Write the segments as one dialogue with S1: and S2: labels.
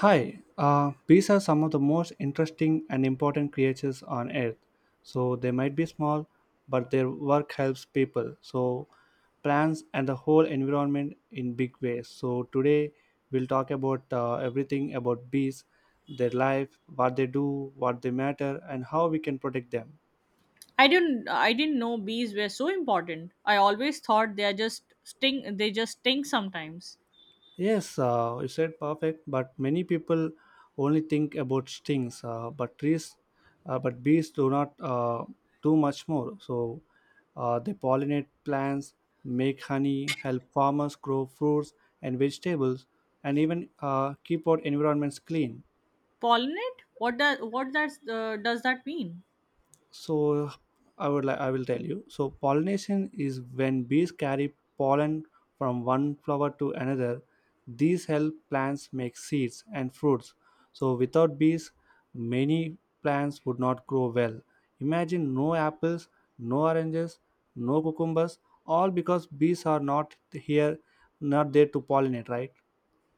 S1: Bees are some of the most interesting and important creatures on earth. So they might be small, but their work helps people. So plants and the whole environment in big ways. So today we'll talk about everything about bees, their life, what they do, what they matter, and how we can protect them.
S2: I didn't know bees were so important. I always thought they are just sting they just sting sometimes.
S1: Yes, you said perfect, but many people only think about stings, but bees do not do much more. So they pollinate plants, make honey, help farmers grow fruits and vegetables, and even keep our environments clean.
S2: Pollinate? What does Does that mean?
S1: So I would like I will tell you. So pollination is when bees carry pollen from one flower to another. These help plants make seeds and fruits, so without bees, many plants would not grow well. Imagine no apples, no oranges, no cucumbers, all because bees are not there to pollinate, right?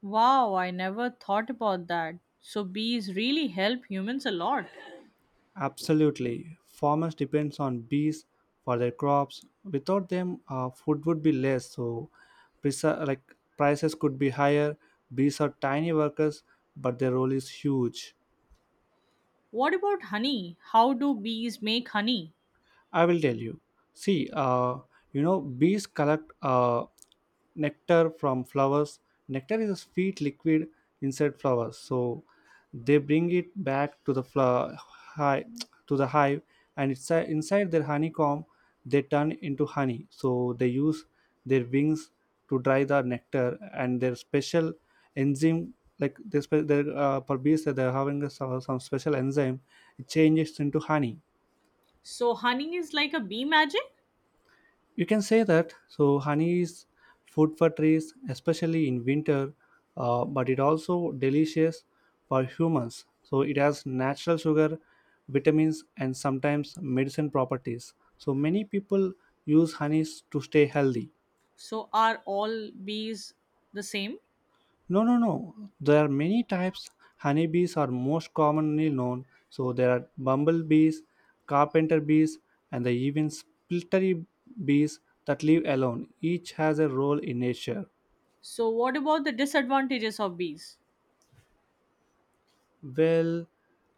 S2: Wow, I never thought about that. So bees really help humans a lot.
S1: Absolutely. Farmers depends on bees for their crops. Without them, food would be less. So, like prices could be higher. Bees are tiny workers, but their role is huge.
S2: What about honey? How do bees make honey?
S1: I will tell you. See, bees collect nectar from flowers. Nectar is a sweet liquid inside flowers, so they bring it back to the hive, and it's inside their honeycomb. They turn into honey, so they use their wings to dry the nectar and their special enzyme. Like this, for bees, that they're having a, some special enzyme, it changes into honey.
S2: So honey is like a bee magic?
S1: You can say that. So, honey is food for trees, especially in winter, but it also delicious for humans. So, it has natural sugar, vitamins, and sometimes medicine properties. So, many people use honeys to stay healthy.
S2: So are all bees the same?
S1: No, no, no. There are many types. Honeybees are most commonly known. So, there are bumblebees, carpenter bees, and the even spittery bees that live alone. Each has a role in nature.
S2: So what about the disadvantages of bees?
S1: Well,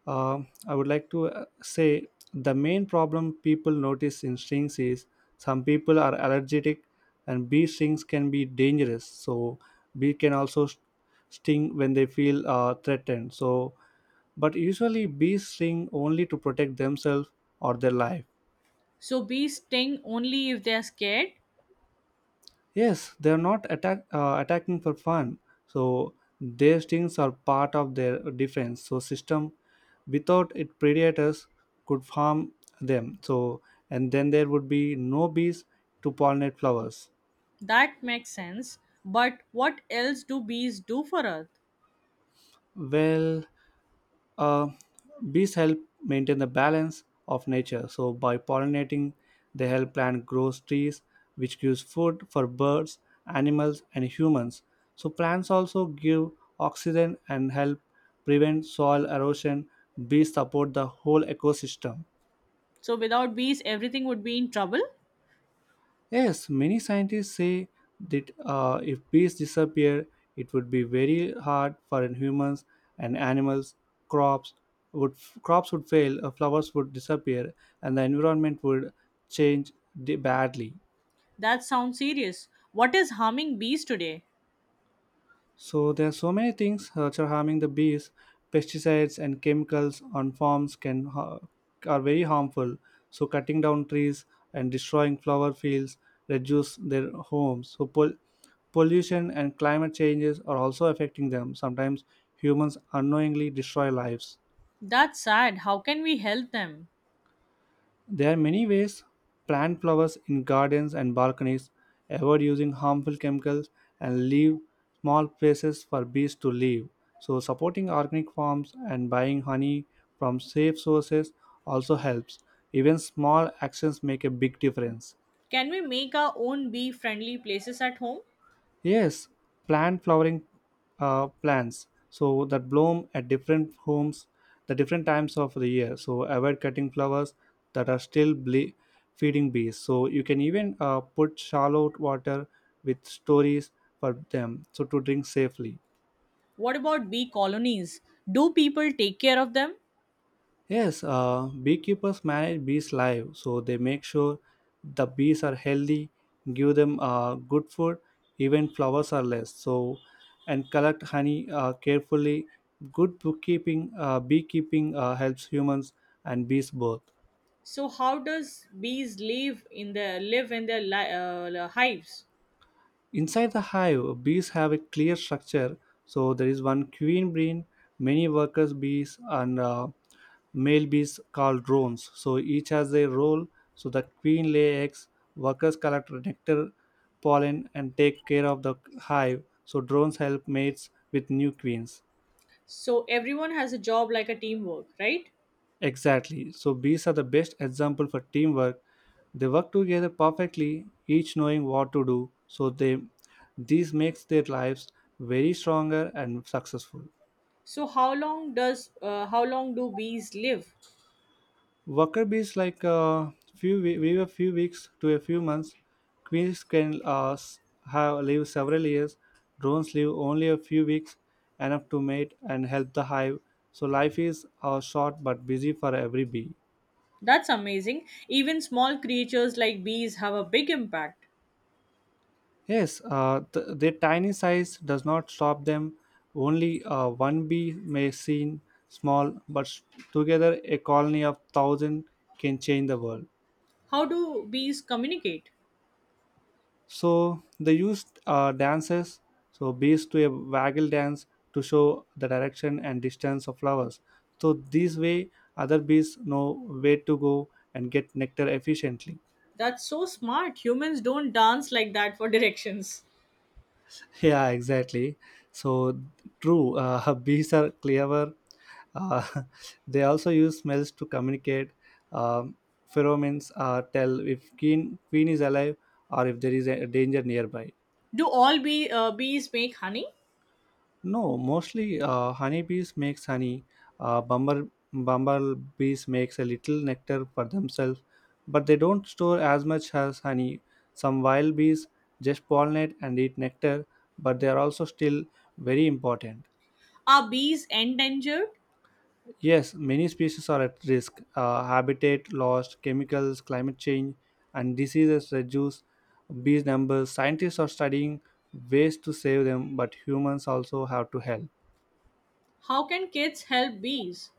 S1: I would like to say the main problem people notice in strings is some people are allergic, and bee stings can be dangerous. So bee can also sting when they feel threatened. So, but usually bees sting only to protect themselves or their life.
S2: So bees sting only if they are scared.
S1: Yes, they're not attacking for fun. So their stings are part of their defense. So system without it predators could harm them. So and then there would be no bees to pollinate flowers.
S2: That makes sense. But what else do bees do for Earth?
S1: Well, Uh, Bees help maintain the balance of nature. So by pollinating, they help plant grow trees, which gives food for birds, animals, and humans. So plants also give oxygen and help prevent soil erosion. Bees support the whole ecosystem.
S2: So without bees, everything would be in trouble?
S1: Yes, many scientists say that if bees disappear, it would be very hard for humans and animals. Crops would Crops would fail, flowers would disappear, and the environment would change badly.
S2: That sounds serious. What is harming bees today?
S1: So there are so many things which are harming the bees. Pesticides and chemicals on farms are very harmful. So cutting down trees and destroying flower fields reduce their homes. So pollution and climate changes are also affecting them. Sometimes humans unknowingly destroy lives.
S2: That's sad. How can we help them?
S1: There are many ways: plant flowers in gardens and balconies, avoid using harmful chemicals, and leave small places for bees to live. So, supporting organic farms and buying honey from safe sources also helps. Even small actions make a big difference.
S2: Can we make our own bee friendly places at home?
S1: Yes, plant flowering plants so that bloom at different homes, the different times of the year. So avoid cutting flowers that are still feeding bees. So you can even put shallow water with stories for them so to drink safely.
S2: What about bee colonies? Do people take care of them?
S1: Yes, beekeepers manage bees live, so they make sure the bees are healthy, give them good food, even flowers are less. So, and collect honey carefully. Good beekeeping helps humans and bees both.
S2: So how does bees live in their li- hives?
S1: Inside the hive, bees have a clear structure. So there is one queen bee, many workers bees, and male bees called drones. So each has a role. So the queen lay eggs, workers collect nectar, pollen, and take care of the hive. So drones help mates with new queens.
S2: So everyone has a job like a teamwork, right?
S1: Exactly. So bees are the best example for teamwork. They work together perfectly, each knowing what to do. So they this makes their lives very stronger and successful.
S2: So how long do bees live?
S1: Worker bees like a few weeks to a few months. Queens can have live several years. Drones live only a few weeks, enough to mate and help the hive. So life is short but busy for every bee.
S2: That's amazing. Even small creatures like bees have a big impact.
S1: Yes, their tiny size does not stop them. Only one bee may seem small, but together a colony of thousand can change the world.
S2: How do bees communicate?
S1: So they use dances, so bees to a waggle dance to show the direction and distance of flowers. So this way, other bees know where to go and get nectar efficiently.
S2: That's so smart. Humans don't dance like that for directions.
S1: Yeah, exactly. So true. Bees are clever. Uh, they also use smells to communicate. Um, Pheromones tell if queen is alive or if there is a danger nearby.
S2: Do all bees make honey?
S1: No, mostly honeybees makes honey. Uh, bumblebees makes a little nectar for themselves, but they don't store as much as honey. Some wild bees just pollinate and eat nectar, but they are also still very important.
S2: Are bees endangered?
S1: Yes, many species are at risk. Habitat loss, chemicals, climate change, and diseases reduce bee numbers. Scientists are studying ways to save them, but humans also have to help.
S2: How can kids help bees?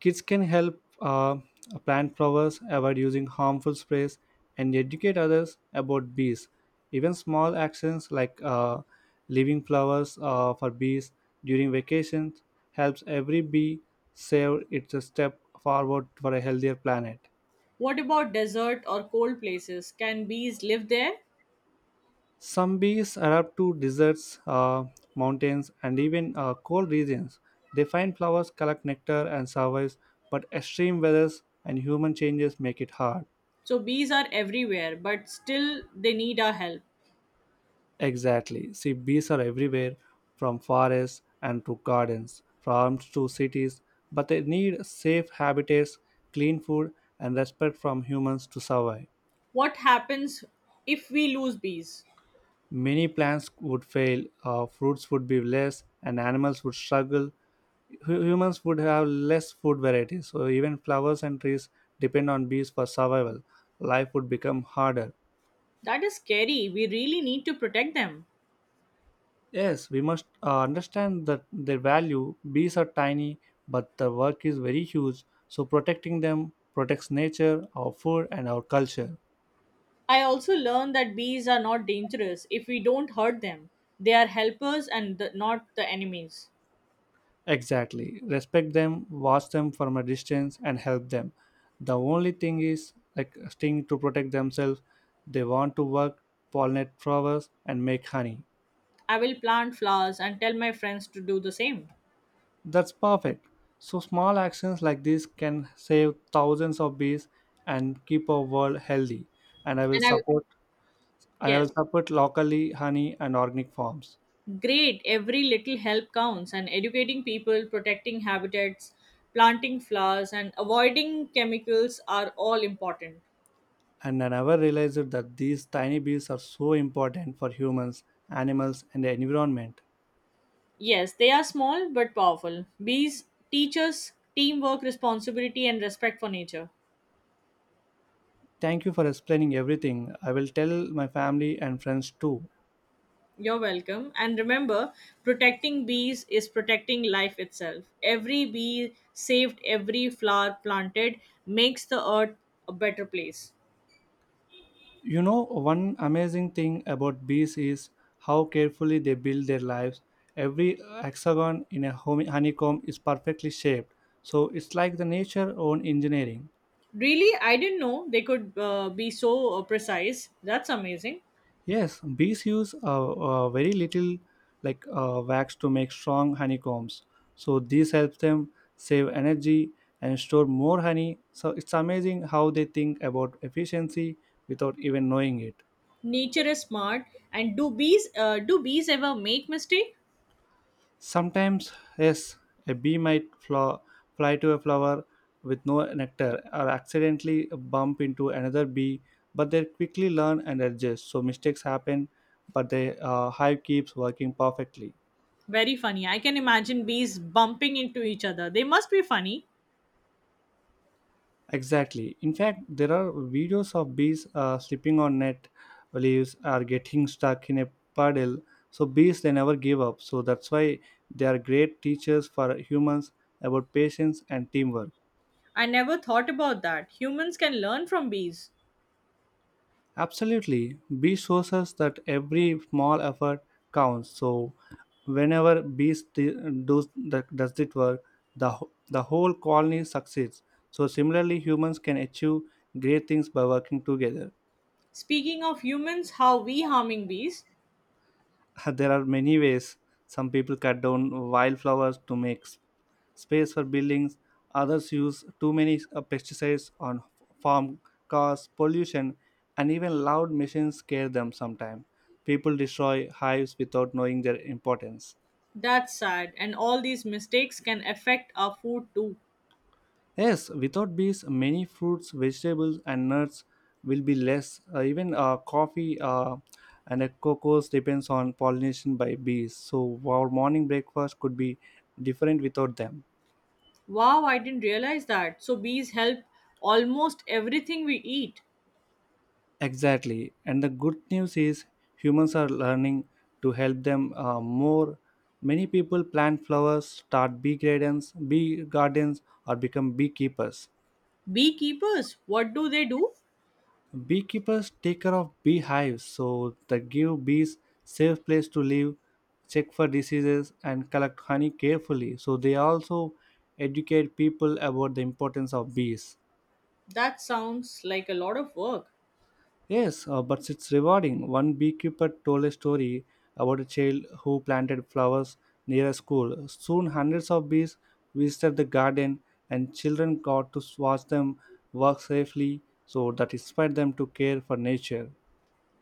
S1: Kids can help plant flowers, avoid using harmful sprays, and educate others about bees. Even small actions like leaving flowers for bees during vacations helps every bee save. It's a step forward for a healthier planet.
S2: What about desert or cold places? Can bees live there?
S1: Some bees adapt to deserts, mountains, and even cold regions. They find flowers, collect nectar, and survive, but extreme weathers and human changes make it hard.
S2: So bees are everywhere, but still they need our help.
S1: Exactly. See, bees are everywhere, from forests and to gardens, farms to cities, but they need safe habitats, clean food, and respect from humans to survive.
S2: What happens if we lose bees?
S1: Many plants would fail, fruits would be less, and animals would struggle. Humans would have less food varieties, so even flowers and trees depend on bees for survival. Life would become harder.
S2: That is scary. We really need to protect them.
S1: Yes, we must understand that their value. Bees are tiny, but their work is very huge. So protecting them protects nature, our food, and our culture.
S2: I also learned that bees are not dangerous if we don't hurt them. They are helpers and not the enemies.
S1: Exactly. Respect them, watch them from a distance, and help them. The only thing is, like, sting to protect themselves. They want to work, pollinate flowers, and make honey.
S2: I will plant flowers and tell my friends to do the same.
S1: That's perfect. So, small actions like this can save thousands of bees and keep our world healthy. And I will
S2: And I,
S1: support and I will
S2: yes,
S1: support locally honey and organic farms.
S2: great. Every little help counts. And educating people, protecting habitats, planting flowers, and avoiding chemicals are all important.
S1: And I never realized that these tiny bees are so important for humans, animals, and the environment.
S2: Yes, they are small but powerful. Bees teach us teamwork, responsibility, and respect for nature.
S1: Thank you for explaining everything. I will tell my family and friends too.
S2: You're welcome. And remember, protecting bees is protecting life itself. Every bee saved, every flower planted makes the earth a better place.
S1: You know, one amazing thing about bees is how carefully they build their lives. Every hexagon in a honeycomb is perfectly shaped, so it's like the nature own engineering.
S2: Really, I didn't know they could be so precise. That's amazing.
S1: Yes, bees use very little like wax to make strong honeycombs. So this helps them save energy and store more honey. So it's amazing how they think about efficiency without even knowing it.
S2: Nature is smart. And do bees ever make mistake?
S1: Sometimes, yes, a bee might fly to a flower with no nectar or accidentally bump into another bee, but they quickly learn and adjust. So mistakes happen, but the hive keeps working perfectly.
S2: Very funny. I can imagine bees bumping into each other. They must be funny.
S1: Exactly. In fact, there are videos of bees slipping on net leaves or getting stuck in a puddle. So bees they never give up. So that's why they are great teachers for humans about patience and teamwork.
S2: I never thought about that. Humans can learn from bees.
S1: Absolutely. Bees shows us that every small effort counts. So whenever does the, does it work, the whole colony succeeds. So similarly, humans can achieve great things by working together.
S2: Speaking of humans, how we harming bees?
S1: there are many ways. Some people cut down wildflowers to make space for buildings. Others use too many pesticides on farm, cause pollution, and even loud machines scare them sometimes. People destroy hives without knowing their importance.
S2: That's sad. And all these mistakes can affect our food too.
S1: Yes, without bees, many fruits, vegetables, and nuts will be less. Even Coffee and cocoa depends on pollination by bees. So our morning breakfast could be different without them.
S2: Wow, I didn't realize that. So, bees help almost everything we eat.
S1: Exactly. And the good news is humans are learning to help them more. Many people plant flowers, start bee gardens, or become beekeepers.
S2: Beekeepers, what do they do?
S1: Beekeepers take care of beehives, so they give bees safe place to live, check for diseases, and collect honey carefully. So they also educate people about the importance of bees.
S2: That sounds like a lot of work.
S1: Yes, but it's rewarding. One beekeeper told a story about a child who planted flowers near a school. Soon, hundreds of bees visited the garden, and children got to watch them work safely, so that inspired them to care for nature.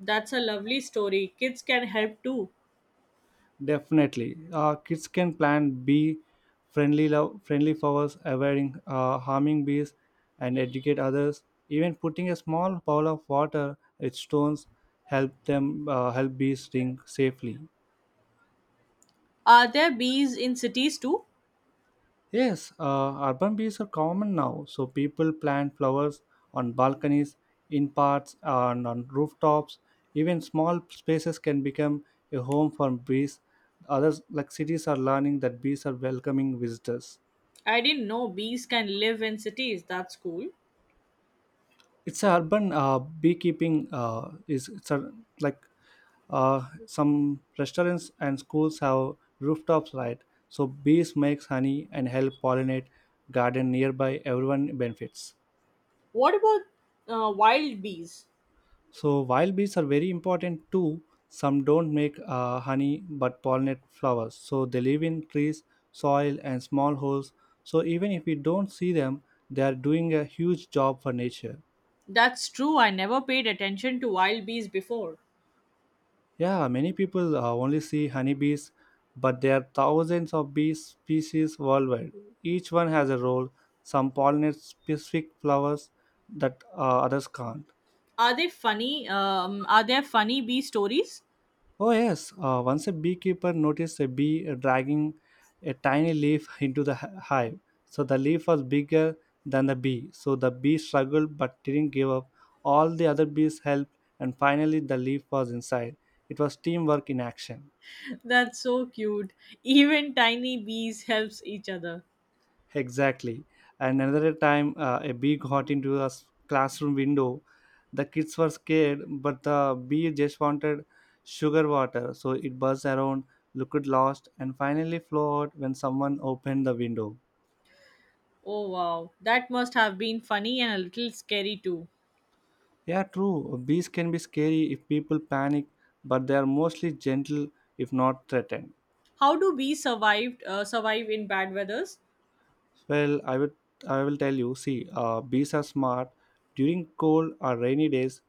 S2: That's a lovely story. Kids can help too.
S1: Definitely, kids can plant bee friendly flowers, avoiding harming bees, and educate others. Even putting a small bowl of water with stones help bees sting safely.
S2: Are there bees in cities too?
S1: Yes, urban bees are common now. So people plant flowers on balconies, in parks, and on rooftops. Even small spaces can become a home for bees. Others, like cities, are learning that bees are welcoming visitors.
S2: I didn't know bees can live in cities. That's cool.
S1: It's a urban beekeeping is it's a, like some restaurants and schools have rooftops, right? So bees makes honey and help pollinate garden nearby. Everyone benefits.
S2: What about wild bees?
S1: So wild bees are very important too. Some don't make honey but pollinate flowers. So they live in trees, soil, and small holes. So even if we don't see them, they are doing a huge job for nature.
S2: That's true. I never paid attention to wild bees before.
S1: Yeah, many people only see honeybees, but there are thousands of bee species worldwide. Each one has a role. Some pollinate specific flowers that others can't.
S2: Are they funny? Are there funny bee stories?
S1: Oh, yes. Once a beekeeper noticed a bee dragging a tiny leaf into the hive. So the leaf was bigger than the bee. So the bee struggled but didn't give up. All the other bees helped, and finally the leaf was inside. It was teamwork in action.
S2: That's so cute. Even tiny bees helps each other.
S1: Exactly. And another time, a bee got into a classroom window. The kids were scared, but the bee just wanted sugar water. So it buzzed around, looked lost, and finally flew out when someone opened the window.
S2: Oh wow, that must have been funny and a little scary too.
S1: Yeah, true. Bees can be scary if people panic, but they are mostly gentle if not threatened.
S2: How do bees survive survive in bad weathers?
S1: Well, I will tell you. See, bees are smart. During cold or rainy days,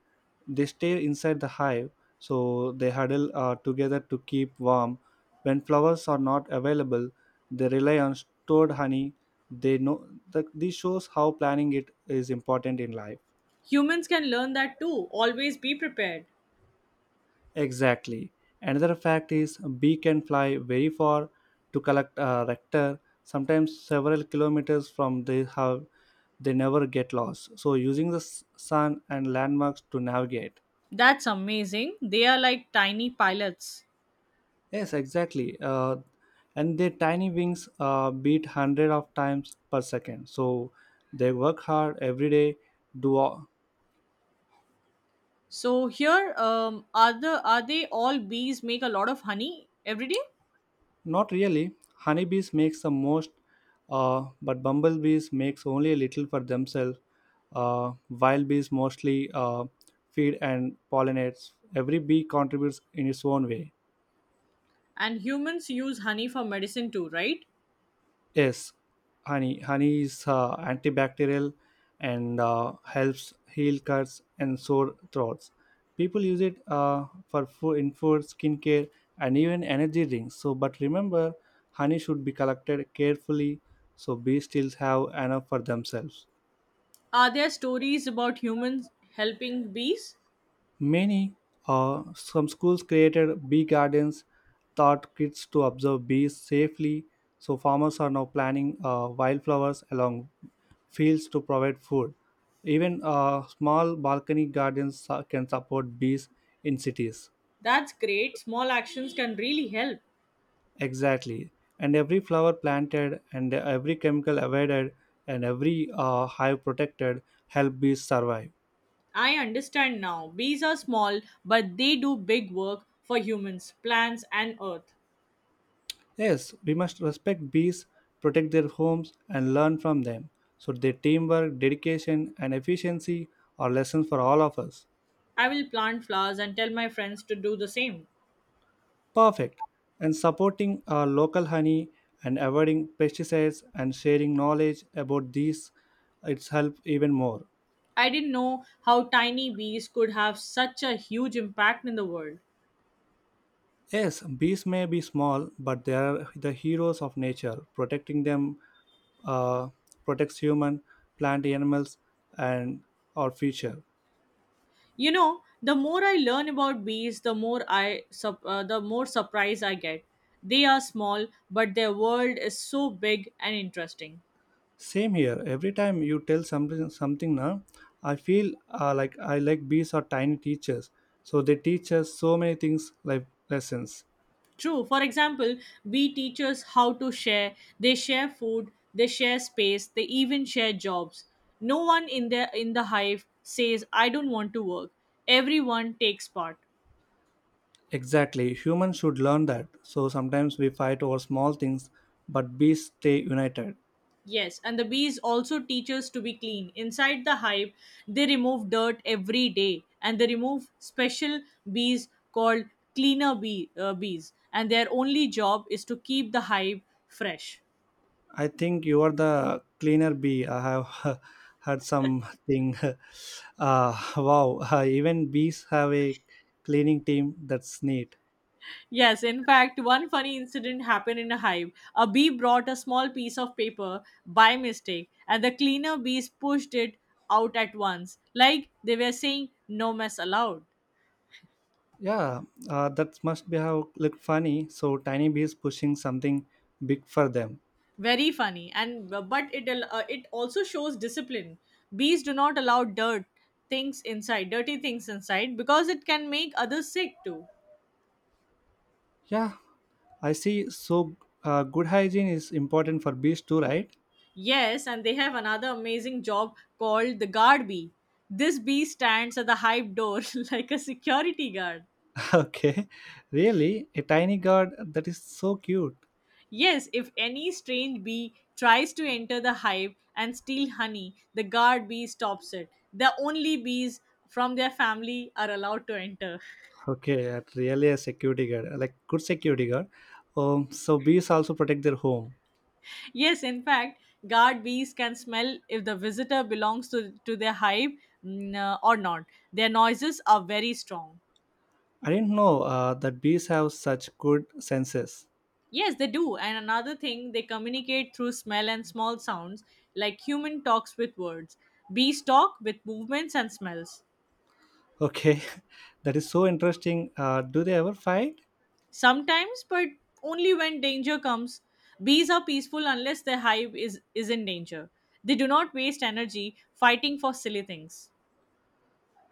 S1: they stay inside the hive, so they huddle together to keep warm. When flowers are not available, they rely on stored honey. They know that this shows how planning it is important in life.
S2: Humans can learn that too. Always be prepared.
S1: Exactly. Another fact is a bee can fly very far to collect a nectar, sometimes several kilometers from their hub. They never get lost. So using the sun and landmarks to navigate.
S2: That's amazing. They are like tiny pilots.
S1: Yes, exactly. And their tiny wings beat hundred of times per second. So they work hard every day, do
S2: So here, are the are they all bees make a lot of honey every day,
S1: Not really. Honeybees makes the most, but bumblebees makes only a little for themselves. Wild bees mostly feed and pollinates. Every bee contributes in its own way.
S2: and humans use honey for medicine too, right?
S1: Yes, Honey is antibacterial and helps heal cuts and sore throats. People use it in food, skincare, and even energy drinks. So, but remember, honey should be collected carefully so bees still have enough for themselves.
S2: Are there stories about humans helping bees?
S1: Many, some schools created bee gardens, taught kids to observe bees safely. So farmers are now planting wildflowers along fields to provide food. Even small balcony gardens can support bees in cities.
S2: That's great. Small actions can really help.
S1: Exactly. And every flower planted, and every chemical avoided, and every hive protected help bees survive.
S2: I understand now. Bees are small, but they do big work for humans, plants, and earth.
S1: Yes, we must respect bees, protect their homes, and learn from them. So their teamwork, dedication, and efficiency are lessons for all of us.
S2: I will plant flowers and tell my friends to do the same.
S1: Perfect. And supporting our local honey and avoiding pesticides and sharing knowledge about these, it's help even more.
S2: I didn't know how tiny bees could have such a huge impact in the world.
S1: Yes, bees may be small, but they are the heroes of nature. Protecting them uh, protects human, plant, animals, and our future.
S2: You know, the more I learn about bees, the more surprise I get. They are small, but their world is so big and interesting.
S1: Same here. Every time you tell something now, I feel like I bees are tiny teachers. So they teach us so many things, like lessons.
S2: True. For example, we teachers how to share. They share food, they share space, they even share jobs. No one in the hive says, "I don't want to work." Everyone takes part.
S1: Exactly. Humans should learn that. So sometimes we fight over small things, but bees stay united.
S2: Yes, and the bees also teach us to be clean. Inside the hive, they remove dirt every day, and they remove special bees called bees, and their only job is to keep the hive fresh.
S1: I think you are the cleaner bee. I have heard something. Wow. Even bees have a cleaning team. That's neat.
S2: Yes, in fact, one funny incident happened in a hive. A bee brought a small piece of paper by mistake, and the cleaner bees pushed it out at once, like they were saying, "No mess allowed."
S1: Yeah, that must be how look funny. So tiny bees pushing something big for them.
S2: Very funny, and it also shows discipline. Bees do not allow dirty things inside, because it can make others sick too.
S1: Yeah, I see. So good hygiene is important for bees too, right?
S2: Yes, and they have another amazing job called the guard bee. This bee stands at the hive door like a security guard.
S1: Okay, really, a tiny guard that is so cute.
S2: Yes, if any strange bee tries to enter the hive and steal honey, the guard bee stops it. The only bees from their family are allowed to enter.
S1: Okay, really a security guard, like good security guard. So bees also protect their home.
S2: Yes, in fact, guard bees can smell if the visitor belongs to their hive, or not. Their noises are very strong.
S1: I didn't know that bees have such good senses.
S2: Yes, they do. And another thing, they communicate through smell and small sounds, like human talks with words. Bees talk with movements and smells.
S1: Okay, that is so interesting. Do they ever fight?
S2: Sometimes, but only when danger comes. Bees are peaceful unless their hive is in danger. They do not waste energy fighting for silly things.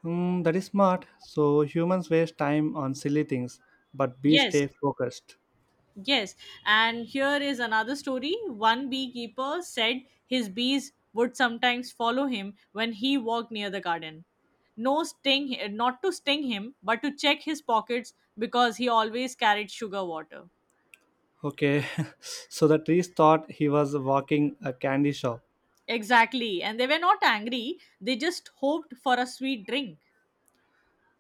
S1: Hmm, that is smart. So humans waste time on silly things, but bees stay
S2: Yes,
S1: focused.
S2: yes. And here is another story. One beekeeper said his bees would sometimes follow him when he walked near the garden. No sting, not to sting him, but to check his pockets because he always carried sugar water.
S1: Okay, so the trees thought he was walking a candy shop.
S2: Exactly. And they were not angry, they just hoped for a sweet drink.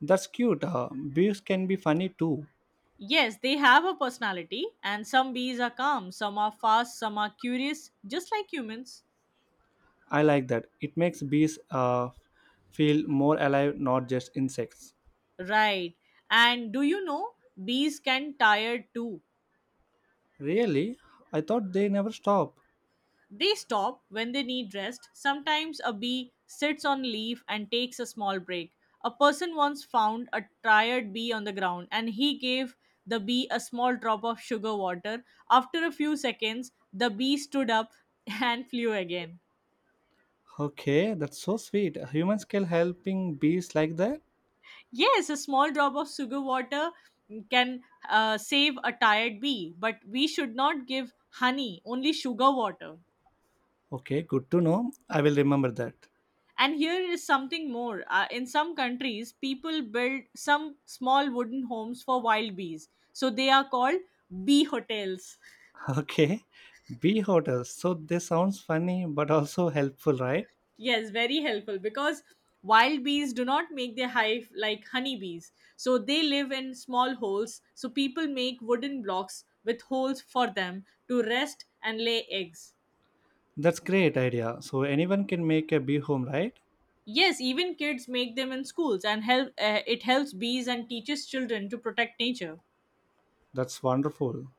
S1: That's cute. Bees can be funny too.
S2: Yes, they have a personality, and some bees are calm, some are fast, some are curious, just like humans.
S1: I like that. It makes bees feel more alive, not just insects.
S2: Right. And do you know, bees can tire too.
S1: Really? I thought they never stop.
S2: They stop when they need rest. Sometimes a bee sits on a leaf and takes a small break. A person once found a tired bee on the ground and he gave the bee a small drop of sugar water. After a few seconds, the bee stood up and flew again.
S1: Okay, that's so sweet. Humans can helping bees like that.
S2: Yes, a small drop of sugar water can save a tired bee, but we should not give honey, only sugar water.
S1: Okay, good to know. I will remember that.
S2: And here is something more. In some countries, people build some small wooden homes for wild bees. So they are called bee hotels.
S1: Okay, bee hotels. So this sounds funny but also helpful, right?
S2: Yes, very helpful because wild bees do not make their hive like honeybees. So they live in small holes. So people make wooden blocks with holes for them to rest and lay eggs.
S1: That's great idea. So anyone can make a bee home, right?
S2: Yes, even kids make them in schools and help it helps bees and teaches children to protect nature.
S1: That's wonderful.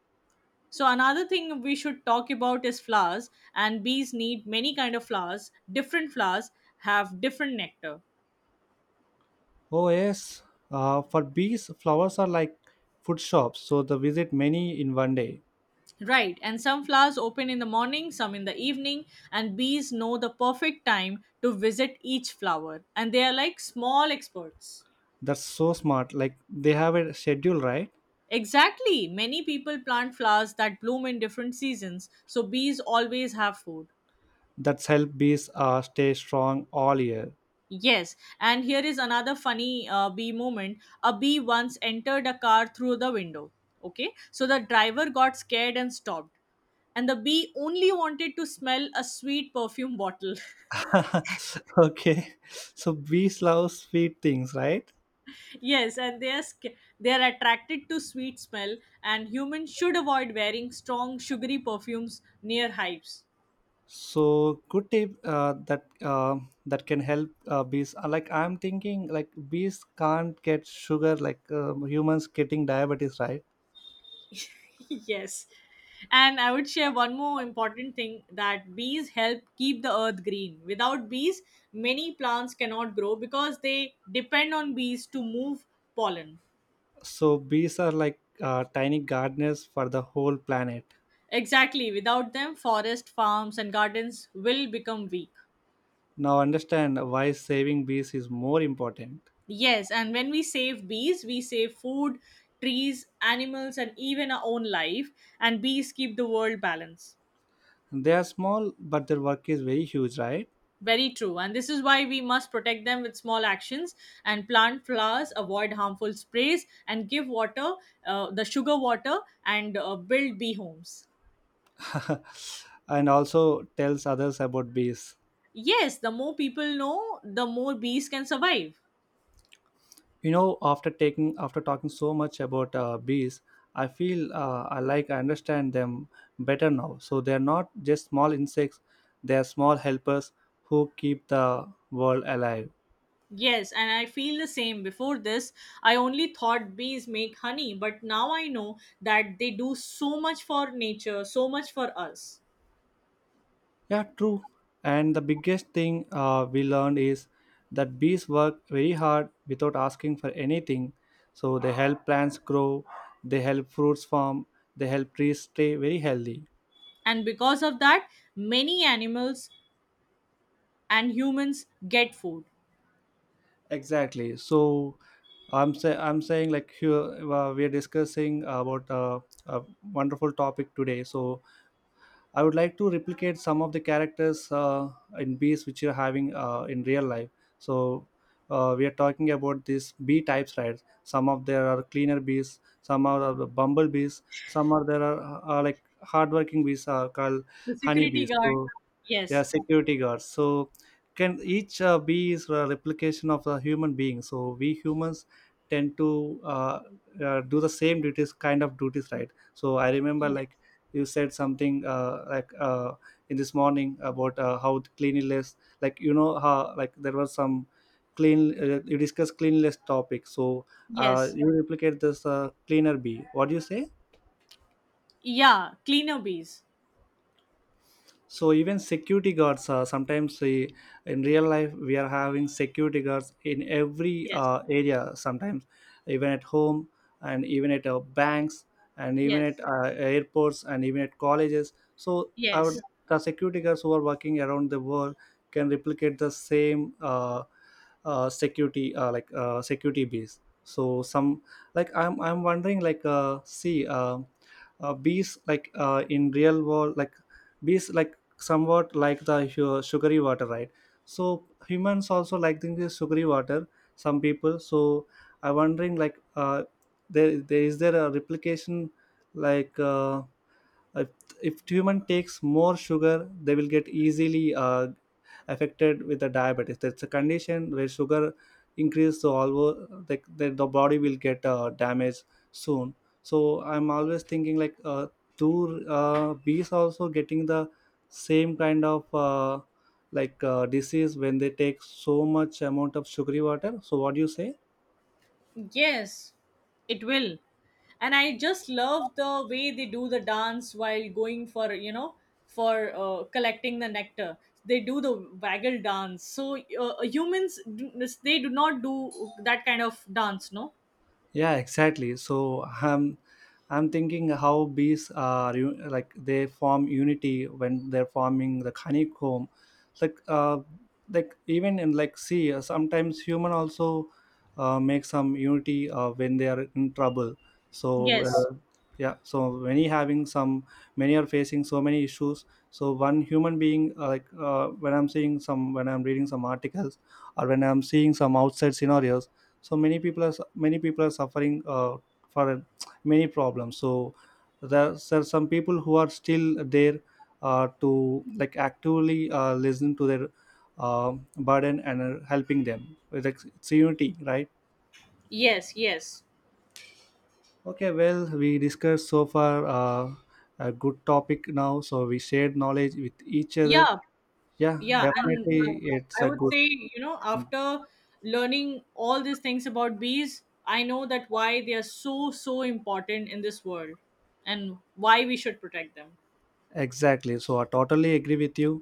S2: So another thing we should talk about is flowers and bees need many kind of flowers. Different flowers have different nectar.
S1: Oh yes, for bees, flowers are like food shops, so they visit many in one day.
S2: Right, and some flowers open in the morning, some in the evening, and bees know the perfect time to visit each flower and they are like small experts.
S1: That's so smart. Like they have a schedule, right?
S2: Exactly, many people plant flowers that bloom in different seasons, so bees always have food.
S1: That's help bees stay strong all year.
S2: Yes, and here is another funny bee moment. A bee once entered a car through the window. Okay, so the driver got scared and stopped, and the bee only wanted to smell a sweet perfume bottle.
S1: Okay, so bees love sweet things, right?
S2: Yes, and they are attracted to sweet smell, and humans should avoid wearing strong sugary perfumes near hives.
S1: So good tip that can help bees. Like, I'm thinking like bees can't get sugar like humans getting diabetes, right?
S2: Yes. And I would share one more important thing that bees help keep the earth green. Without bees, many plants cannot grow because they depend on bees to move pollen.
S1: So bees are like tiny gardeners for the whole planet.
S2: Exactly. Without them, forest, farms, and gardens will become weak.
S1: Now understand why saving bees is more important.
S2: Yes. And when we save bees, we save food, trees, animals, and even our own life. And bees keep the world balanced.
S1: They are small, but their work is very huge, right?
S2: Very true. And this is why we must protect them with small actions and plant flowers, avoid harmful sprays, and give water, the sugar water, and build bee homes.
S1: And also tells others about bees.
S2: Yes, the more people know, the more bees can survive.
S1: You know, after taking after talking so much about bees, I feel I like I understand them better now. So they are not just small insects. They are small helpers who keep the world alive.
S2: Yes, and I feel the same. Before this, I only thought bees make honey, but now I know that they do so much for nature, so much for us.
S1: Yeah, true. And the biggest thing we learned is that bees work very hard without asking for anything. So they help plants grow, they help fruits form, they help trees stay very healthy.
S2: And because of that, many animals and humans get food.
S1: Exactly. So I'm saying, like, here we are discussing about a wonderful topic today. So I would like to replicate some of the characters in bees which you're having in real life. So we are talking about these bee types, right? Some of there are cleaner bees, some are the bumblebees, some are like hardworking bees are called
S2: The security
S1: honeybees.
S2: guard.
S1: So yeah,
S2: Yes.
S1: security guards. So can each bee is a replication of a human being. So we humans tend to do the same duties, kind of duties, right? So I remember,
S2: Yes.
S1: like, you said something like in this morning about how the cleanliness, like, you know how like there was some clean you discussed cleanliness topic. So
S2: Yes.
S1: you replicate this cleaner bee, what do you say?
S2: Yeah. Cleaner bees.
S1: So even security guards sometimes in real life we are having security guards in every
S2: Yes.
S1: area, sometimes even at home and even at banks and even at
S2: Yes.
S1: airports and even at colleges. So our
S2: Yes.
S1: the security guards who are working around the world can replicate the same security like security base. So some, like I'm wondering, like see, bees like in real world, like bees like somewhat like the sugary water, right? So humans also like drinking this sugary water, some people. So I'm wondering, like there, there is there a replication, like if, if human takes more sugar they will get easily affected with the diabetes. That's a condition where sugar increase, so although like the body will get damaged soon. So I'm always thinking like, do bees also getting the same kind of like disease when they take so much amount of sugary water? So what do you say?
S2: Yes. It will. And I just love the way they do the dance while going for, you know, for collecting the nectar. They do the waggle dance. So humans, they do not do that kind of dance, no?
S1: Yeah, exactly. So I'm thinking how bees are you like they form unity when they're forming the honeycomb, like uh like even in, like, see, sometimes human also make some unity when they are in trouble. So
S2: Yes.
S1: yeah, so many having some, many are facing so many issues. So one human being, like when I'm seeing some, when I'm reading some articles or when I'm seeing some outside scenarios, so many people are suffering for many problems. So there are some people who are still there to, like, actively listen to their burden and are helping them with it's unity, right?
S2: Yes. Yes.
S1: Okay, well, we discussed so far a good topic now, so we shared knowledge with each other.
S2: Yeah.
S1: Yeah,
S2: Yeah, and
S1: definitely, it's
S2: I
S1: a
S2: would
S1: good.
S2: say, you know, after learning all these things about bees, I know that why they are so so important in this world and why we should protect them.
S1: Exactly, so I totally agree with you.